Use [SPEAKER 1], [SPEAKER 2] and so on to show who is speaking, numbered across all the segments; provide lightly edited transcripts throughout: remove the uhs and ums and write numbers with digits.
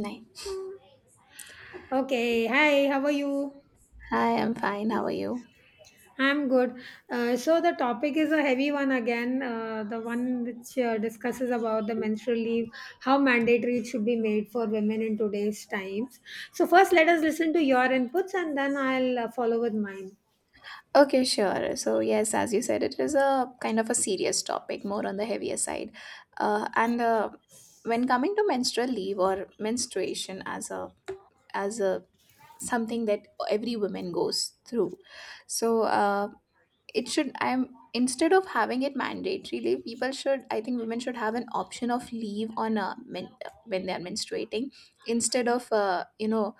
[SPEAKER 1] Nine.
[SPEAKER 2] Okay, hi, how are you?
[SPEAKER 1] Hi, I'm fine. How are you?
[SPEAKER 2] I'm good. So the topic is a heavy one again, the one which discusses about the menstrual leave, how mandatory it should be made for women in today's times. So first, let us listen to your inputs, and then I'll follow with mine.
[SPEAKER 1] Okay, sure. So, yes, as you said, it is a kind of a serious topic, more on the heavier side. And when coming to menstrual leave or menstruation as a as a something that every woman goes through, so it should. I'm instead of having it mandatory leave, people should. I think women should have an option of leave on a men, when they are menstruating instead of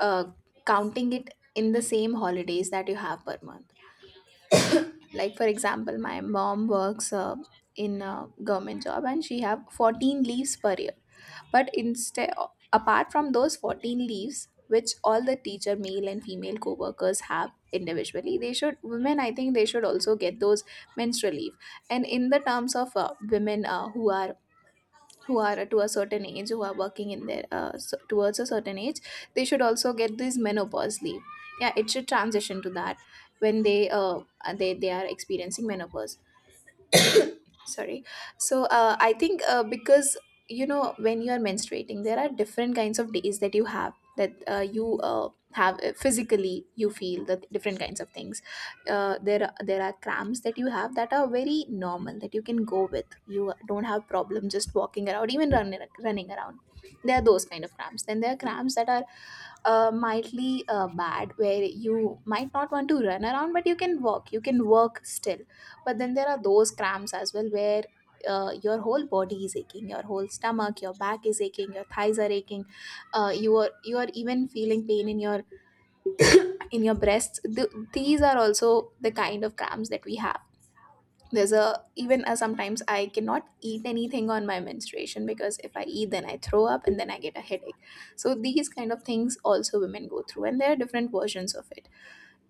[SPEAKER 1] uh, counting it in the same holidays that you have per month, like for example my mom works in a government job and she have 14 leaves per year, but instead, apart from those 14 leaves which all the teacher male and female co-workers have individually, they should, women, I think they should also get those menstrual leave. And in the terms of women who are to a certain age, who are working in their so, towards a certain age, they should also get this menopause leave. Yeah, it should transition to that when they they are experiencing menopause. Sorry. So I think because, you know, when you are menstruating there are different kinds of days that you have, that you have physically, you feel the different kinds of things. There are cramps that you have that are very normal, that you can go with, you don't have problem just walking around, even running around. There are those kind of cramps. Then there are cramps that are mildly bad, where you might not want to run around, but you can walk, you can work still. But then there are those cramps as well where your whole body is aching, your whole stomach, your back is aching, your thighs are aching. You are even feeling pain in your breasts. These are also the kind of cramps that we have. There's a, even sometimes I cannot eat anything on my menstruation, because if I eat then I throw up and then I get a headache. So these kind of things also women go through, and there are different versions of it.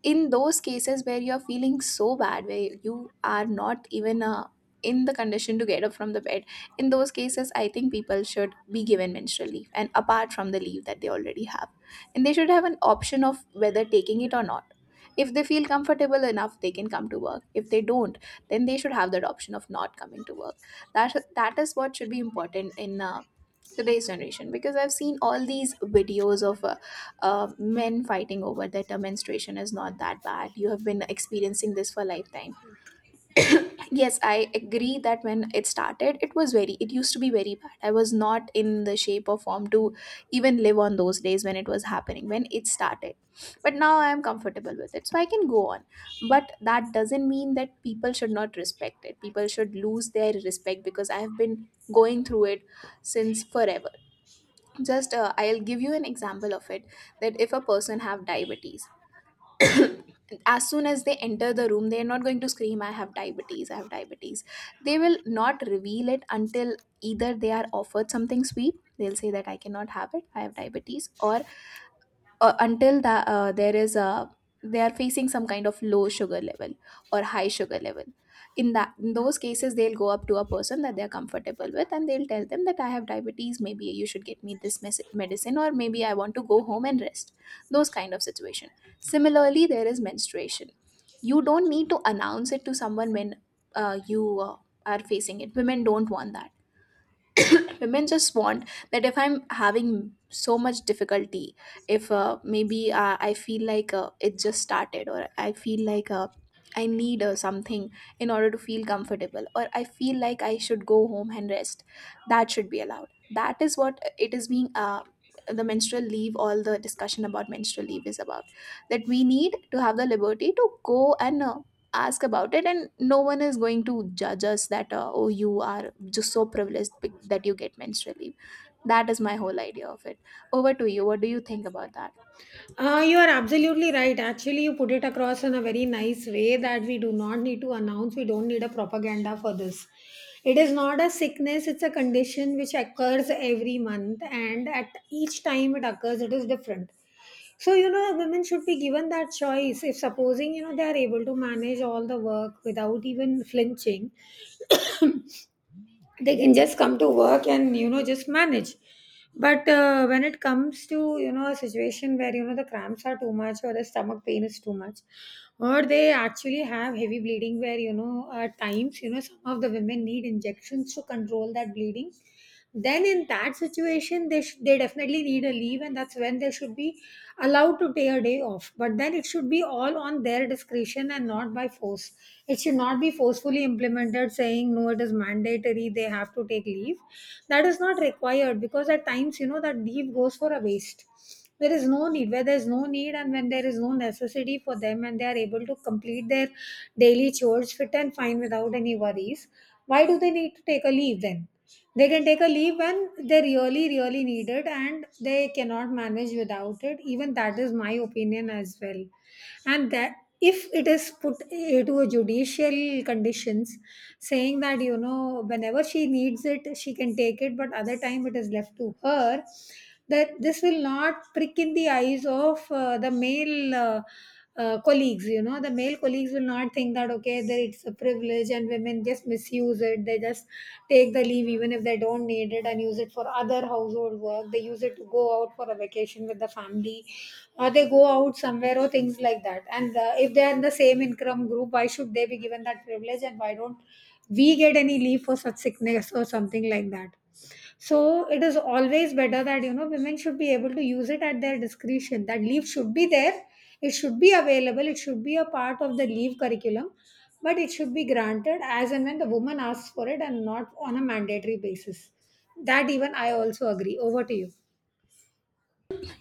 [SPEAKER 1] In those cases where you're feeling so bad, where you are not even in the condition to get up from the bed, in those cases I think people should be given menstrual leave, and apart from the leave that they already have. And they should have an option of whether taking it or not. If they feel comfortable enough they can come to work. If they don't, then they should have that option of not coming to work. That is what should be important in today's generation, because I've seen all these videos of men fighting over that menstruation is not that bad, you have been experiencing this for a lifetime. Yes, I agree that when it started it was very, it used to be very bad, I was not in the shape or form to even live on those days when it was happening, when it started. But now I am comfortable with it, so I can go on. But that doesn't mean that people should not respect it, people should lose their respect because I have been going through it since forever. Just I'll give you an example of it. That if a person have diabetes, as soon as they enter the room they're not going to scream I have diabetes, I have diabetes. They will not reveal it until either they are offered something sweet, they'll say that I cannot have it, I have diabetes, or until that there is a, they are facing some kind of low sugar level or high sugar level. In that, in those cases, they'll go up to a person that they're comfortable with, and they'll tell them that I have diabetes, maybe you should get me this medicine, or maybe I want to go home and rest. Those kind of situation. Similarly, there is menstruation. You don't need to announce it to someone when you are facing it. Women don't want that. Women just want that, if I'm having so much difficulty, if maybe I feel like it just started, or I feel like I need something in order to feel comfortable, or I feel like I should go home and rest, that should be allowed. That is what it is being the menstrual leave. All the discussion about menstrual leave is about that we need to have the liberty to go and ask about it, and no one is going to judge us that oh, you are just so privileged, that you get menstrual leave. That is my whole idea of it. Over to you, what do you think about that?
[SPEAKER 2] You are absolutely right. Actually, you put it across in a very nice way that we do not need to announce, we don't need a propaganda for this. It is not a sickness, it's a condition which occurs every month, and at each time it occurs, it is different. So, you know, women should be given that choice. If supposing, you know, they are able to manage all the work without even flinching, they can just come to work and, you know, just manage. But when it comes to, you know, a situation where, you know, the cramps are too much or the stomach pain is too much, or they actually have heavy bleeding where, you know, at times, you know, some of the women need injections to control that bleeding, then in that situation they definitely need a leave, and that's when they should be allowed to take a day off. But then it should be all on their discretion and not by force. It should not be forcefully implemented saying no it is mandatory, they have to take leave. That is not required, because at times, you know, that leave goes for a waste. There is no need, where there is no need and when there is no necessity for them and they are able to complete their daily chores fit and fine without any worries, why do they need to take a leave then? They can take a leave when they really really need it and they cannot manage without it. Even that is my opinion as well. And that, if it is put eh, to a judicial conditions, saying that, you know, whenever she needs it she can take it, but other time it is left to her, that this will not prick in the eyes of the male colleagues. You know, the male colleagues will not think that okay there it's a privilege and women just misuse it, they just take the leave even if they don't need it and use it for other household work, they use it to go out for a vacation with the family or they go out somewhere or things like that. And if they are in the same income group, why should they be given that privilege and why don't we get any leave for such sickness or something like that? So it is always better that, you know, women should be able to use it at their discretion. That leave should be there, it should be available, it should be a part of the leave curriculum, but it should be granted as and when the woman asks for it and not on a mandatory basis. That even I also agree. Over to you.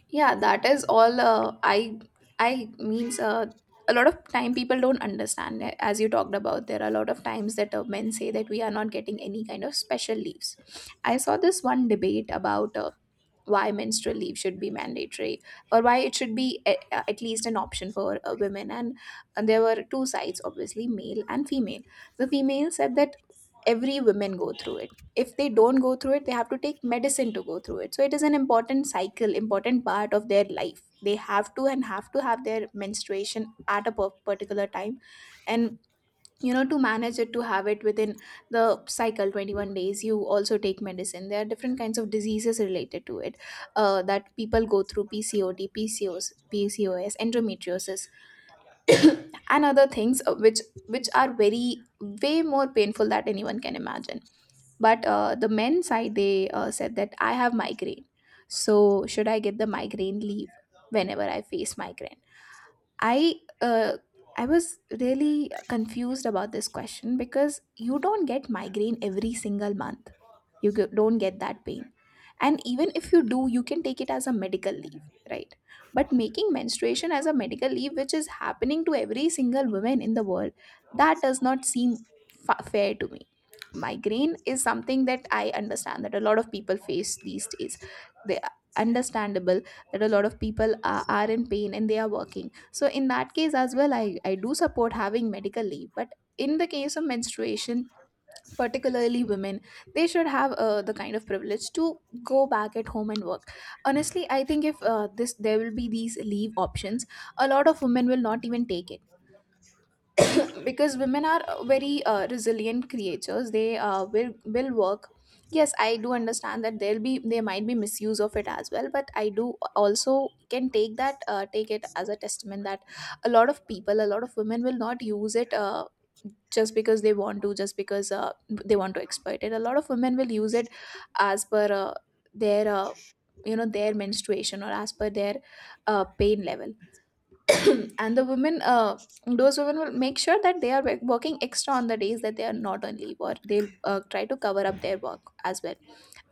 [SPEAKER 1] Yeah, that is all, I means, a lot of time people don't understand, as you talked about. There are a lot of times that men say that we are not getting any kind of special leaves. I saw this one debate about why menstrual leave should be mandatory, or why it should be a, at least an option for women, and there were two sides, obviously male and female. The female said that every women go through it, if they don't go through it they have to take medicine to go through it, so it is an important cycle, important part of their life. They have to, and have to have their menstruation at a particular time. And, you know, to manage it, to have it within the cycle 21 days, you also take medicine. There are different kinds of diseases related to it that people go through, pcod, pcos, pcos, endometriosis and other things, which are very, way more painful that anyone can imagine. But the men side, they said that I have migraine, so should I get the migraine leave whenever I face migraine. I uh, I was really confused about this question because you don't get migraine every single month, you don't get that pain, and even if you do you can take it as a medical leave, right? But making menstruation as a medical leave, which is happening to every single woman in the world, that does not seem fair to me. Migraine is something that I understand that a lot of people face these days, they are understandable, that a lot of people are in pain and they are working, so in that case as well, I do support having medical leave. But in the case of menstruation, particularly women, they should have the kind of privilege to go back at home and work. Honestly, I think if this, there will be these leave options, a lot of women will not even take it. Because women are very resilient creatures, they will work. Yes, I do understand that there might be misuse of it as well, but I do also can take that, take it as a testament that a lot of people, a lot of women will not use it, just because they want to, just because they want to exploit it. A lot of women will use it as per their you know, their menstruation, or as per their pain level. And the women, those women will make sure that they are working extra on the days that they are not on leave, or they'll try to cover up their work. As well,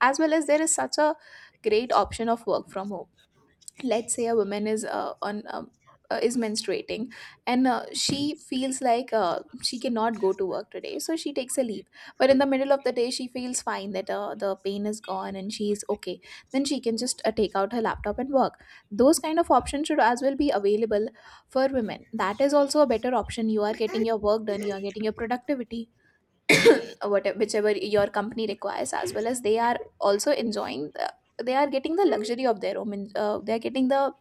[SPEAKER 1] as well as there is such a great option of work from home. Let's say a woman is on is menstruating, and she feels like she cannot go to work today, so she takes a leave. But in the middle of the day she feels fine, that the pain is gone and she is okay. Then she can just take out her laptop and work. Those kind of options should as well be available for women. That is also a better option, you are getting your work done, you are getting your productivity, whatever whichever your company requires, as well as they are also enjoying the, they are getting the luxury of their own, they are getting the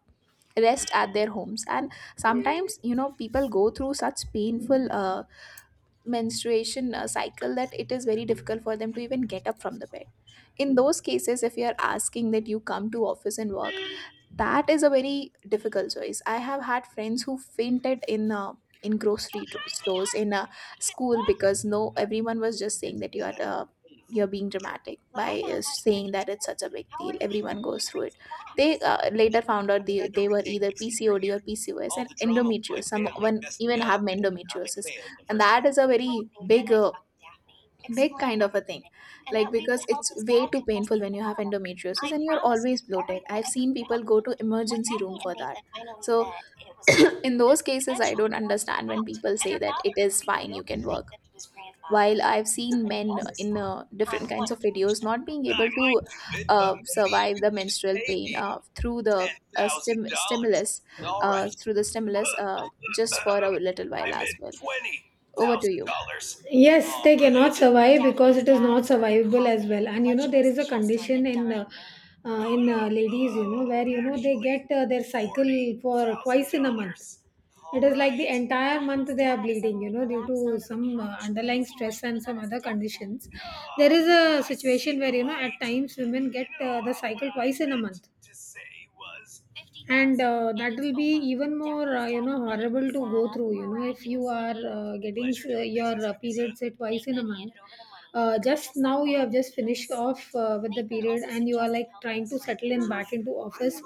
[SPEAKER 1] rest at their homes. And sometimes, you know, people go through such painful menstruation cycle, that it is very difficult for them to even get up from the bed. In those cases, if you are asking that you come to office and work, that is a very difficult choice. I have had friends who fainted in, in grocery stores, in School, because no, everyone was just saying that you are you're being dramatic by saying that it's such a big deal, everyone goes through it. They later found out they were either PCOD or PCOS and endometriosis, someone even have endometriosis. And that is a very big big kind of a thing, like, because it's way too painful when you have endometriosis and you're always bloated. I've seen people go to emergency room for that. So in those cases, I don't understand when people say that it is fine, you can work, while I've seen men in different kinds of videos not being able to survive the menstrual pain through the stimulus through the stimulus just for a little while as well. Over to you.
[SPEAKER 2] Yes, they cannot survive because it is not survivable as well. And you know, there is a condition in ladies, you know, where, you know, they get their cycle for twice in a month. It is like the entire month they are bleeding, you know, due to some underlying stress and some other conditions. There is a situation where, you know, at times women get the cycle twice in a month, and that will be even more you know horrible to go through. You know, if you are getting your periods say twice in a month, just now you have just finished off with the period and you are like trying to settle in back into office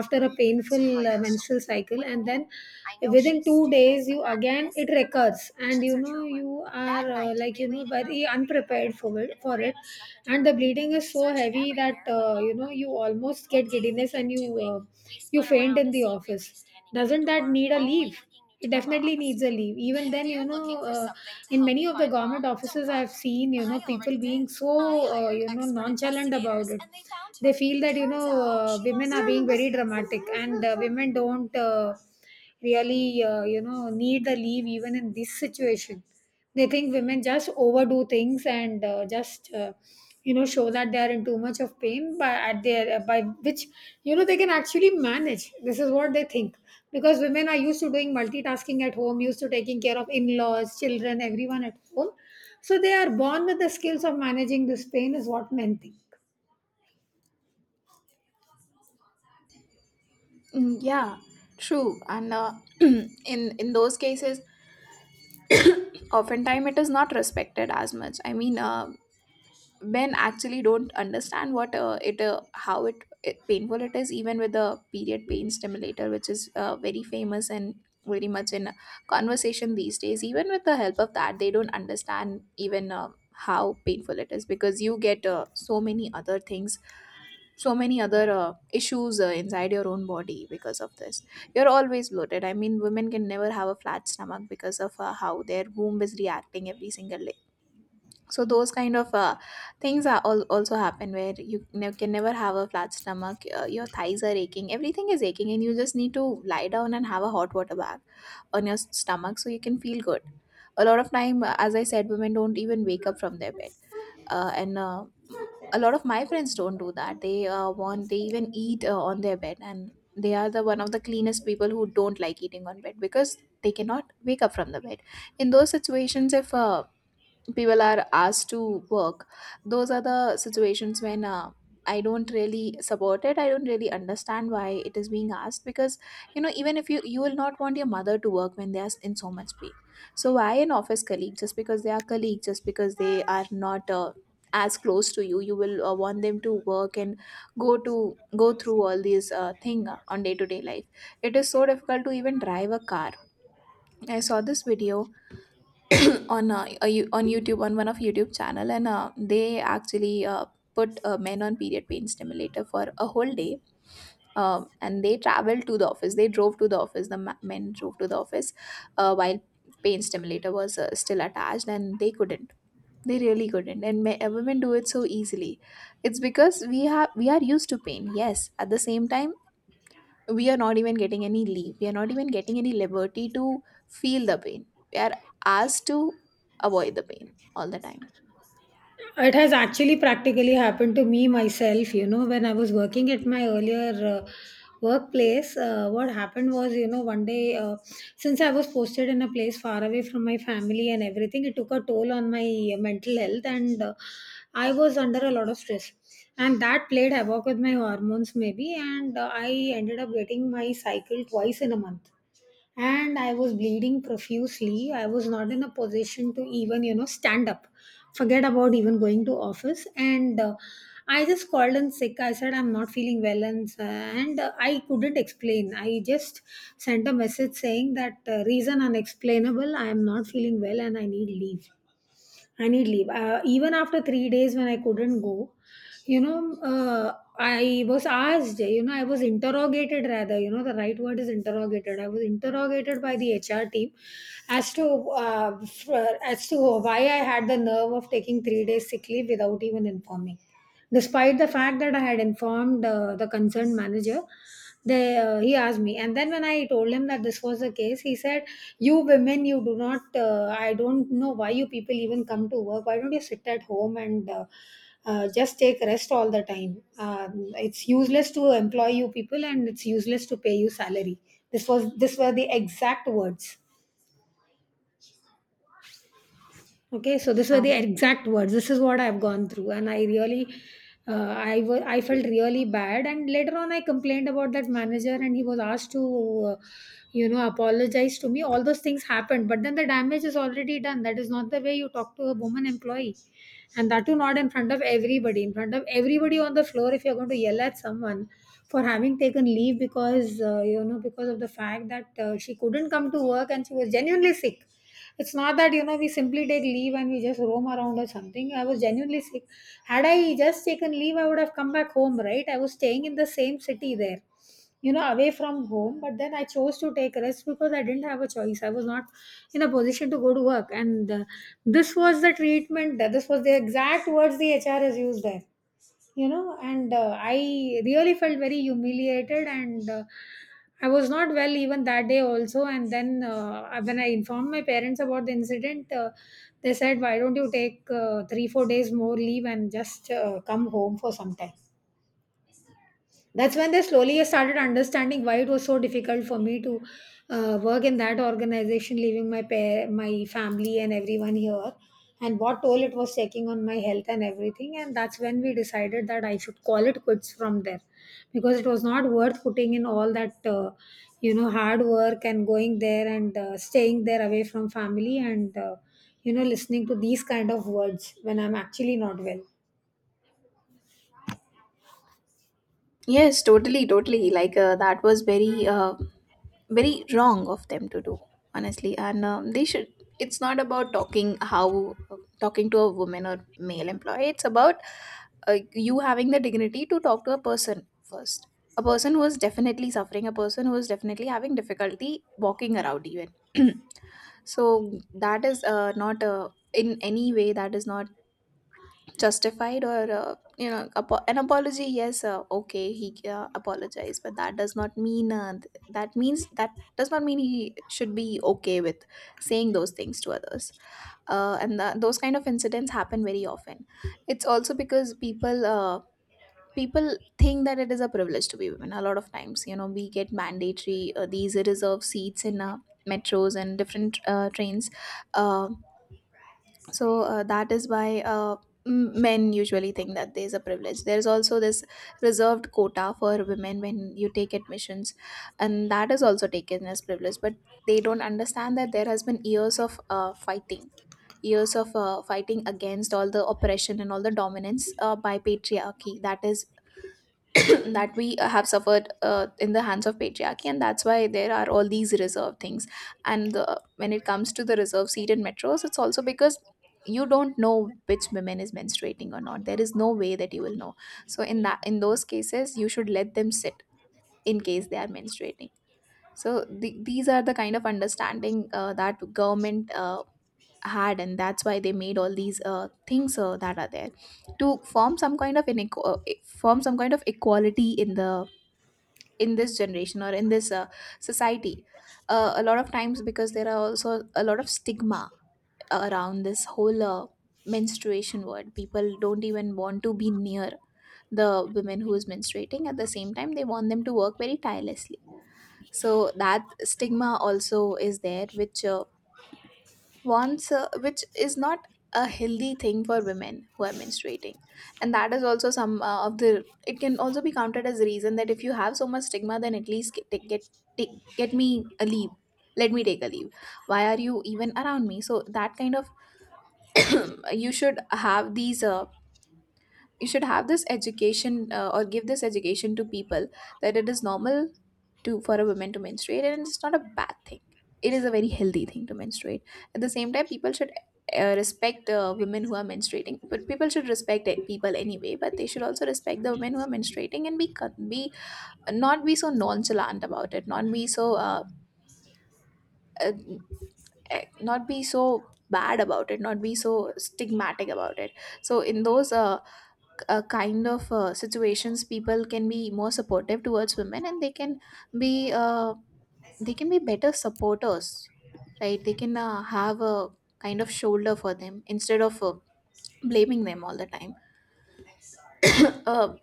[SPEAKER 2] after a painful menstrual cycle, and then within 2 days you again it recurs, and you know you are like, you know, very unprepared for it, and the bleeding is so heavy that you know you almost get giddiness and you faint in the office. Doesn't that need a leave? It definitely needs a leave. Even then, you know, in many of the government offices I've seen, you know, people being so you know nonchalant about it. They feel that, you know, women are being very dramatic, and women don't really you know need the leave even in this situation. They think women just overdo things and just you know show that they are in too much of pain by at their by which, you know, they can actually manage. This is what they think, because women are used to doing multitasking at home, used to taking care of in-laws, children, everyone at home, so they are born with the skills of managing this pain, is what men think.
[SPEAKER 1] Yeah, true. And in those cases, oftentimes it is not respected as much. I mean, men actually don't understand what it how it painful it is, even with the period pain stimulator, which is very famous and very much in conversation these days. Even with the help of that, they don't understand even how painful it is, because you get so many other things, so many other issues inside your own body because of this. You're always bloated. I mean, women can never have a flat stomach because of how their womb is reacting every single day. So those kind of things are all also happen where you can never have a flat stomach, your thighs are aching, everything is aching, and you just need to lie down and have a hot water bath on your stomach, so you can feel good. A lot of time, as I said, women don't even wake up from their bed, uh, and uh, m- a lot of my friends don't do that. They want they even eat on their bed, and they are the one of the cleanest people who don't like eating on bed, because they cannot wake up from the bed. In those situations, if people are asked to work, those are the situations when, I don't really support it, I don't really understand why it is being asked, because you know, even if you will not want your mother to work when they are in so much pain, so why an office colleague, just because they are colleagues, just because they are not as close to you, you will want them to work and go to go through all these thing on day to day life. It is so difficult to even drive a car. I saw this video on on YouTube, on one of YouTube channel, and they actually put men on period pain stimulator for a whole day. And they traveled to the office. They drove to the office. The men drove to the office while pain stimulator was still attached, and they couldn't. They really couldn't. And women do it so easily. It's because we are used to pain. Yes. At the same time, we are not even getting any leave, we are not even getting any liberty to feel the pain, we are asked to avoid the pain all the time.
[SPEAKER 2] It has actually practically happened to me myself. You know, when I was working at my earlier workplace, what happened was, you know, one day, since I was posted in a place far away from my family and everything, it took a toll on my mental health, and I was under a lot of stress. And that played havoc with my hormones, maybe, and I ended up getting my cycle twice in a month, and I was bleeding profusely. I was not in a position to even, you know, stand up. Forget about even going to office. And I just called in sick. I said I'm not feeling well, and I couldn't explain. I just sent a message saying that reason unexplainable. I am not feeling well, and I need leave. I need leave. Even after 3 days when I couldn't go, you know, I was asked, you know, I was interrogated rather. You know, the right word is interrogated. I was interrogated by the HR team as to as to why I had the nerve of taking 3 days sick leave without even informing. Despite the fact that I had informed the concerned manager, they he asked me, and then when I told him that this was the case, he said, "You women, you do not. I don't know why you people even come to work. Why don't you sit at home and?" Just take rest all the time. It's useless to employ you people, and it's useless to pay you salary. This were the exact words. Okay, so these were the
[SPEAKER 1] Um,
[SPEAKER 2] exact words. This is what I've gone through, and I really, I felt really bad. And later on, I complained about that manager, and he was asked to, uh, you know, apologize to me. All those things happened, but then the damage is already done. That is not the way you talk to a woman employee, and that too not in front of everybody, in front of everybody on the floor. If you're going to yell at someone for having taken leave because, you know, because of the fact that she couldn't come to work and she was genuinely sick. It's not that, you know, we simply take leave and we just roam around or something. I was genuinely sick. Had I just taken leave I would have come back home, right? I was staying in the same city there, you know, away from home, but then I chose to take rest because I didn't have a choice. I was not in a position to go to work, and this was the treatment that, this was the exact words the HR has used there, you know. And I really felt very humiliated, and I was not well even that day also. And then when I informed my parents about the incident, they said why don't you take 3 4 days more leave and just come home for some time. That's when they slowly started understanding why it was so difficult for me to work in that organization, leaving my pair, my family, and everyone here, and what toll it was taking on my health and everything. And that's when we decided that I should call it quits from there, because it was not worth putting in all that, you know, hard work and going there and staying there away from family, and, you know, listening to these kind of words when I'm actually not well.
[SPEAKER 1] yes, totally, totally, like, that was very very wrong of them to do honestly. And they should, it's not about talking how, talking to a woman or male employee, it's about you having the dignity to talk to a person first, a person who is definitely suffering, a person who is definitely having difficulty walking around even. So that is not in any way that is not justified. Or you know, an apology, yes, okay, he apologized, but that does not mean that means that does not mean he should be okay with saying those things to others. And those kind of incidents happen very often. It's also because people, people think that it is a privilege to be women. A lot of times, you know, we get mandatory these reserved seats in metros and different trains. Uh, so uh, that is why, men usually think that there is a privilege, there is also this reserved quota for women when you take admissions, and that is also taken as privilege. But they don't understand that there has been years of fighting, years of fighting against all the oppression and all the dominance by patriarchy, that is that we have suffered in the hands of patriarchy, and that's why there are all these reserve things. And when it comes to the reserve seat in metros, it's also because you don't know which women is menstruating or not, there is no way that you will know. So in that in those cases, you should let them sit in case they are menstruating. So these are the kind of understanding that government had, and that's why they made all these things that are there to form some kind of form some kind of equality in the in this generation, or in this society. A lot of times, because there are also a lot of stigma around this whole menstruation word, people don't even want to be near the women who is menstruating. At the same time, they want them to work very tirelessly. So that stigma also is there, which wants which is not a healthy thing for women who are menstruating. And that is also some of the, it can also be counted as a reason, that if you have so much stigma, then at least take, get me a leave, let me take a leave, why are you even around me? So that kind of you should have these you should have this education or give this education to people, that it is normal to for a woman to menstruate, and it's not a bad thing. It is a very healthy thing to menstruate. At the same time, people should respect women who are menstruating. But people should respect people anyway, but they should also respect the women who are menstruating, and be be, not be so nonchalant about it, not be so uh, not be so bad about it, not be so stigmatic about it. So in those kind of situations, people can be more supportive towards women, and they can be, they can be better supporters, right? They can have a kind of shoulder for them, instead of blaming them all the time. uh,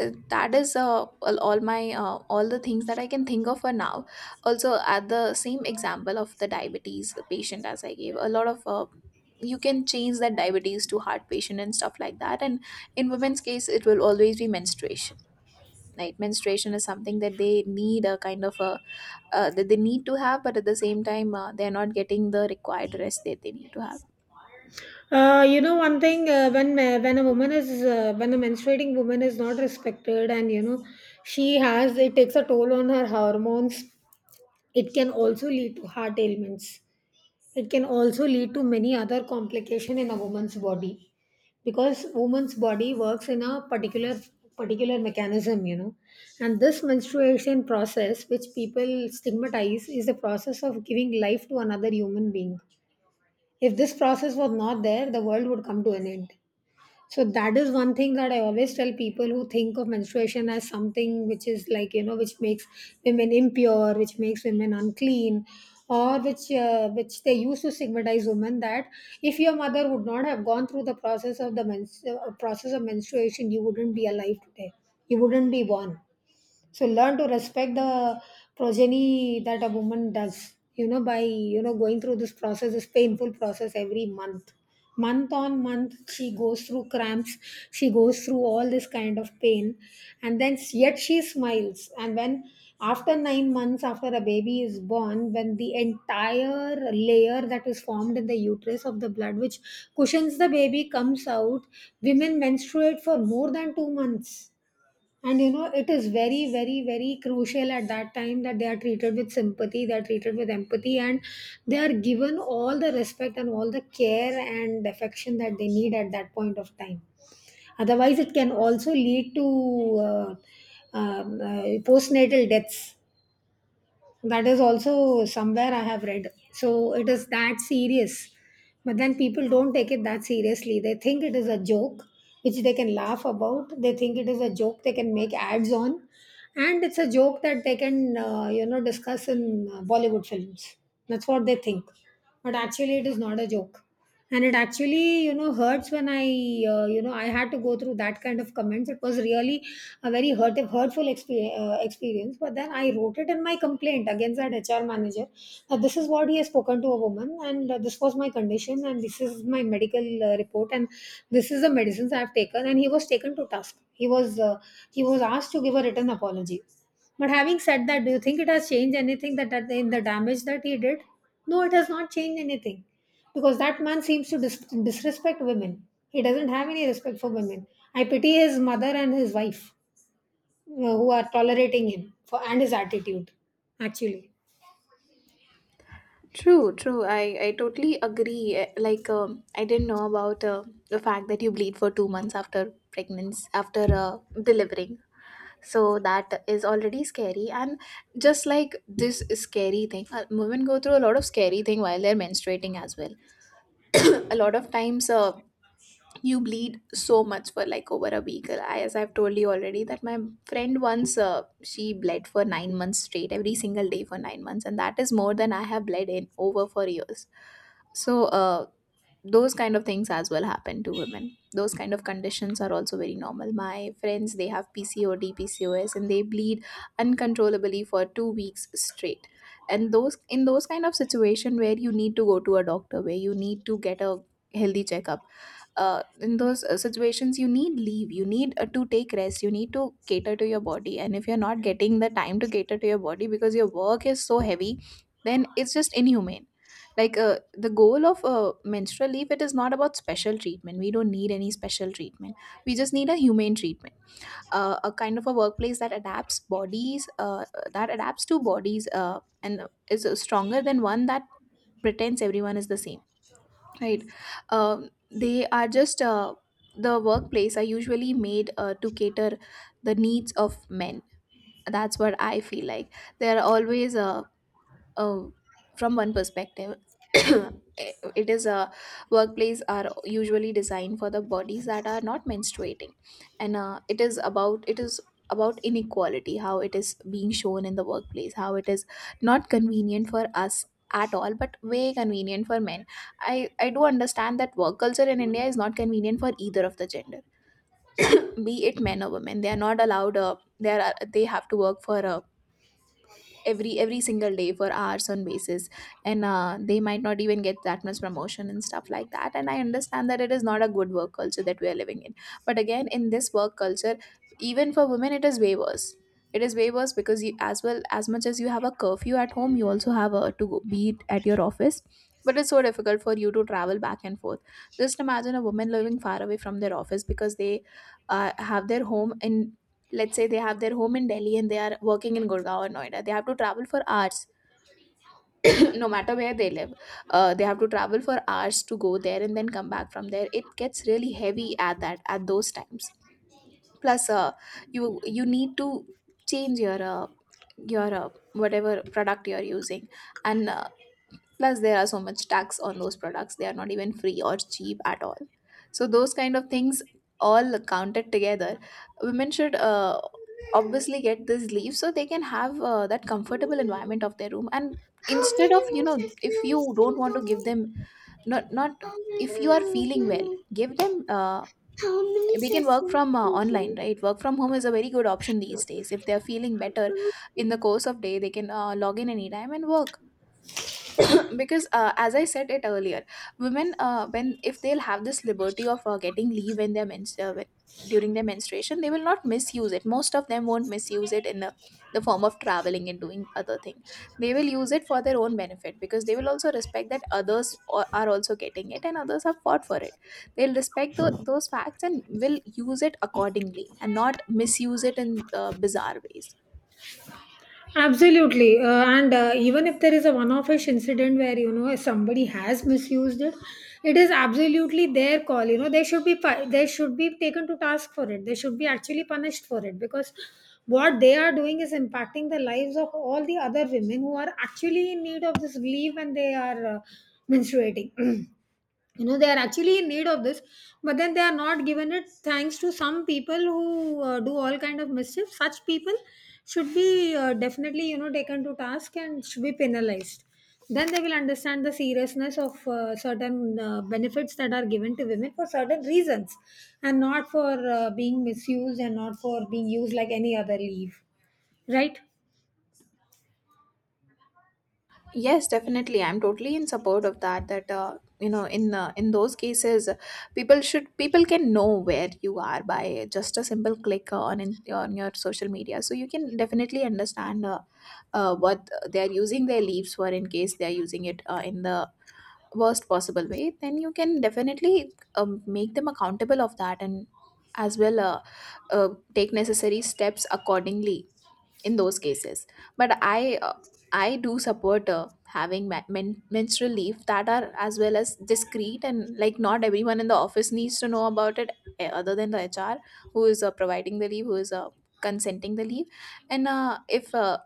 [SPEAKER 1] that is all my all the things that I can think of for now. Also, at the same example of the diabetes patient, as I gave, a lot of you can change that diabetes to heart patient and stuff like that. And in women's case, it will always be menstruation, right? Menstruation is something that they need a kind of a that they need to have, but at the same time, they're not getting the required rest that they need to have.
[SPEAKER 2] You know, one thing, when a woman is when a menstruating woman is not respected, and, you know, she has, it takes a toll on her hormones. It can also lead to heart ailments. It can also lead to many other complication in a woman's body, because woman's body works in a particular mechanism, you know, and this menstruation process, which people stigmatize, is the process of giving life to another human being. If this process was not there, the world would come to an end, so that is one thing that I always tell people who think of menstruation as something which is like, you know, which makes women impure, which makes women unclean, or which they used to stigmatize women, that if your mother would not have gone through the process of the process of menstruation, you wouldn't be alive today, you wouldn't be born, so learn to respect the progeny that a woman does, you know, by, you know, going through this process, this painful process every month. Month on month, she goes through cramps, she goes through all this kind of pain, and then yet she smiles. And when after 9 months, after a baby is born, when the entire layer that is formed in the uterus of the blood, which cushions the baby, comes out, women menstruate for more than 2 months, and you know, it is very, very, very crucial at that time that they are treated with sympathy, they are treated with empathy, and they are given all the respect and all the care and affection that they need at that point of time. Otherwise, it can also lead to um, uh, postnatal deaths. That is also somewhere I have read, so it is that serious. But then people don't take it that seriously. They think it is a joke which they can laugh about. They think it is a joke they can make ads on, and it's a joke that they can, you know, discuss in Bollywood films. That's what they think. But actually, it is not a joke, and it actually, you know, hurts when I you know, I had to go through that kind of comments. It was really a very hurtful experience, but then I wrote it in my complaint against that HR manager, that this is what he has spoken to a woman, and this was my condition, and this is my medical report, and this is the medicines I have taken. And he was taken to task. He was he was asked to give a written apology. But having said that, do you think it has changed anything, that, in the damage that he did? No, it has not changed anything, because that man seems to disrespect women. He doesn't have any respect for women. I pity his mother and his wife, who are tolerating him for and his attitude. Actually,
[SPEAKER 1] True, true. I totally agree. Like, I didn't know about the fact that you bleed for 2 months after pregnancy, after delivering. So that is already scary. And just like this scary thing, women go through a lot of scary thing while they're menstruating as well. A lot of times, you bleed so much for like over a week. As I've told you already, that my friend once, she bled for 9 months straight, every single day for 9 months, and that is more than I have bled in over for years. So those kind of things as well happen to women. Those kind of conditions are also very normal. My friends, they have PCOD, PCOS, and they bleed uncontrollably for 2 weeks straight. And those kind of situation where you need to go to a doctor, where you need to get a healthy checkup, in those situations you need leave, you need to take rest, you need to cater to your body. And if you're not getting the time to cater to your body because your work is so heavy, then it's just inhumane. Like, the goal of menstrual leave, it is not about special treatment. We don't need any special treatment, we just need a humane treatment. A kind of a workplace that adapts bodies, that adapts to bodies, and is stronger than one that pretends everyone is the same. Right. They are just, the workplace are usually made, to cater the needs of men. That's what I feel like. They are always uh, from one perspective, it is a workplace are usually designed for the bodies that are not menstruating. And it is about, it is about inequality, how it is being shown in the workplace, how it is not convenient for us at all, but way convenient for men. I do understand that work culture in India is not convenient for either of the gender. Be it men or women, they are not allowed, they have to work for a every single day for hours on basis. And they might not even get that much promotion and stuff like that, and I understand that it is not a good work culture that we are living in. But again, in this work culture, even for women it is way worse. It is way worse because you, as well, as much as you have a curfew at home, you also have a to go, be it at your office, but it's so difficult for you to travel back and forth. Just imagine a woman living far away from their office because they have their home in, let's say they have their home in Delhi, and they are working in Gurgaon or Noida, they have to travel for hours. No matter where they live, they have to travel for hours to go there and then come back from there. It gets really heavy at that at those times. Plus you need to change your whatever product you're using. And plus there are so much tax on those products, they are not even free or cheap at all. So those kind of things, all counted together, women should obviously get this leave so they can have, that comfortable environment of their room. And instead of, you know, if you don't want to give them, not not if you are feeling well, give them, they can work from online, right? Work from home is a very good option these days. If they are feeling better, in the course of day they can log in anytime and work. Because as I said it earlier, women, when, if they'll have this liberty of getting leave when they're when, during their menstruation, they will not misuse it. Most of them won't misuse it in the form of traveling and doing other thing. They will use it for their own benefit, because they will also respect that are also getting it and others have fought for it. They'll respect those facts and will use it accordingly and not misuse it in bizarre ways.
[SPEAKER 2] absolutely. And even if there is a one off incident where, you know, somebody has misused it, it is absolutely their call. You know, they should be, they should be taken to task for it. They should be actually punished for it, because what they are doing is impacting the lives of all the other women who are actually in need of this relief when they are menstruating. You know, they are actually in need of this, but then they are not given it thanks to some people who do all kind of mischief. Such people should be definitely, you know, taken to task and should be penalized. Then they will understand the seriousness of certain benefits that are given to women for certain reasons, and not for being misused, and not for being used like any other leave. Right.
[SPEAKER 1] Yes, definitely. I'm totally in support of that. That you know, in those cases, people can know where you are by just a simple click on your social media. So you can definitely understand what they are using their leaves for, in case they are using it in the worst possible way. Then you can definitely make them accountable of that and as well uh, take necessary steps accordingly in those cases. But I do support having menstrual leave that are as well as discreet, and like, not everyone in the office needs to know about it. Eh, other than the HR who is providing the leave, who is consenting the leave. And if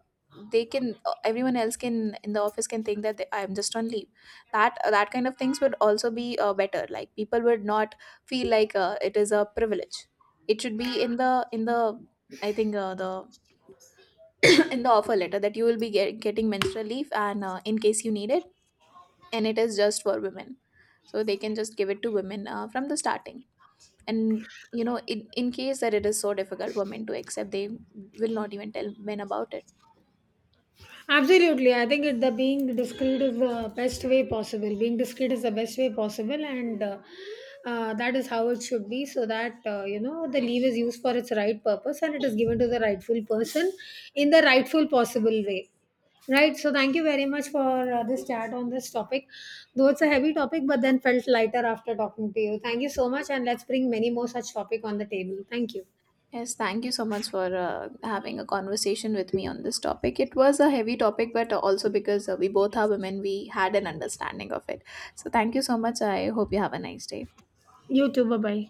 [SPEAKER 1] they can, everyone else can in the office can think that they, I'm just on leave. That that kind of things would also be better, like people would not feel like it is a privilege. It should be in the I think, the, in the offer letter that you will be getting menstrual leave, and in case you need it. And it is just for women, so they can just give it to women from the starting. And you know, in case that it is so difficult for men to accept, they will not even tell men about it.
[SPEAKER 2] Absolutely. I think it, the being discreet is the best way possible. Being discreet is the best way possible, and that is how it should be, so that you know, the leave is used for its right purpose and it is given to the rightful person in the rightful possible way. Right. So, thank you very much for this chat on this topic. Though it's a heavy topic, but then felt lighter after talking to you. Thank you so much, and let's bring many more such topic on the table. Thank you.
[SPEAKER 1] Yes, thank you so much for having a conversation with me on this topic. It was a heavy topic, but also because we both are women, we had an understanding of it. So thank you so much, I hope you have a nice day.
[SPEAKER 2] You too. Bye bye.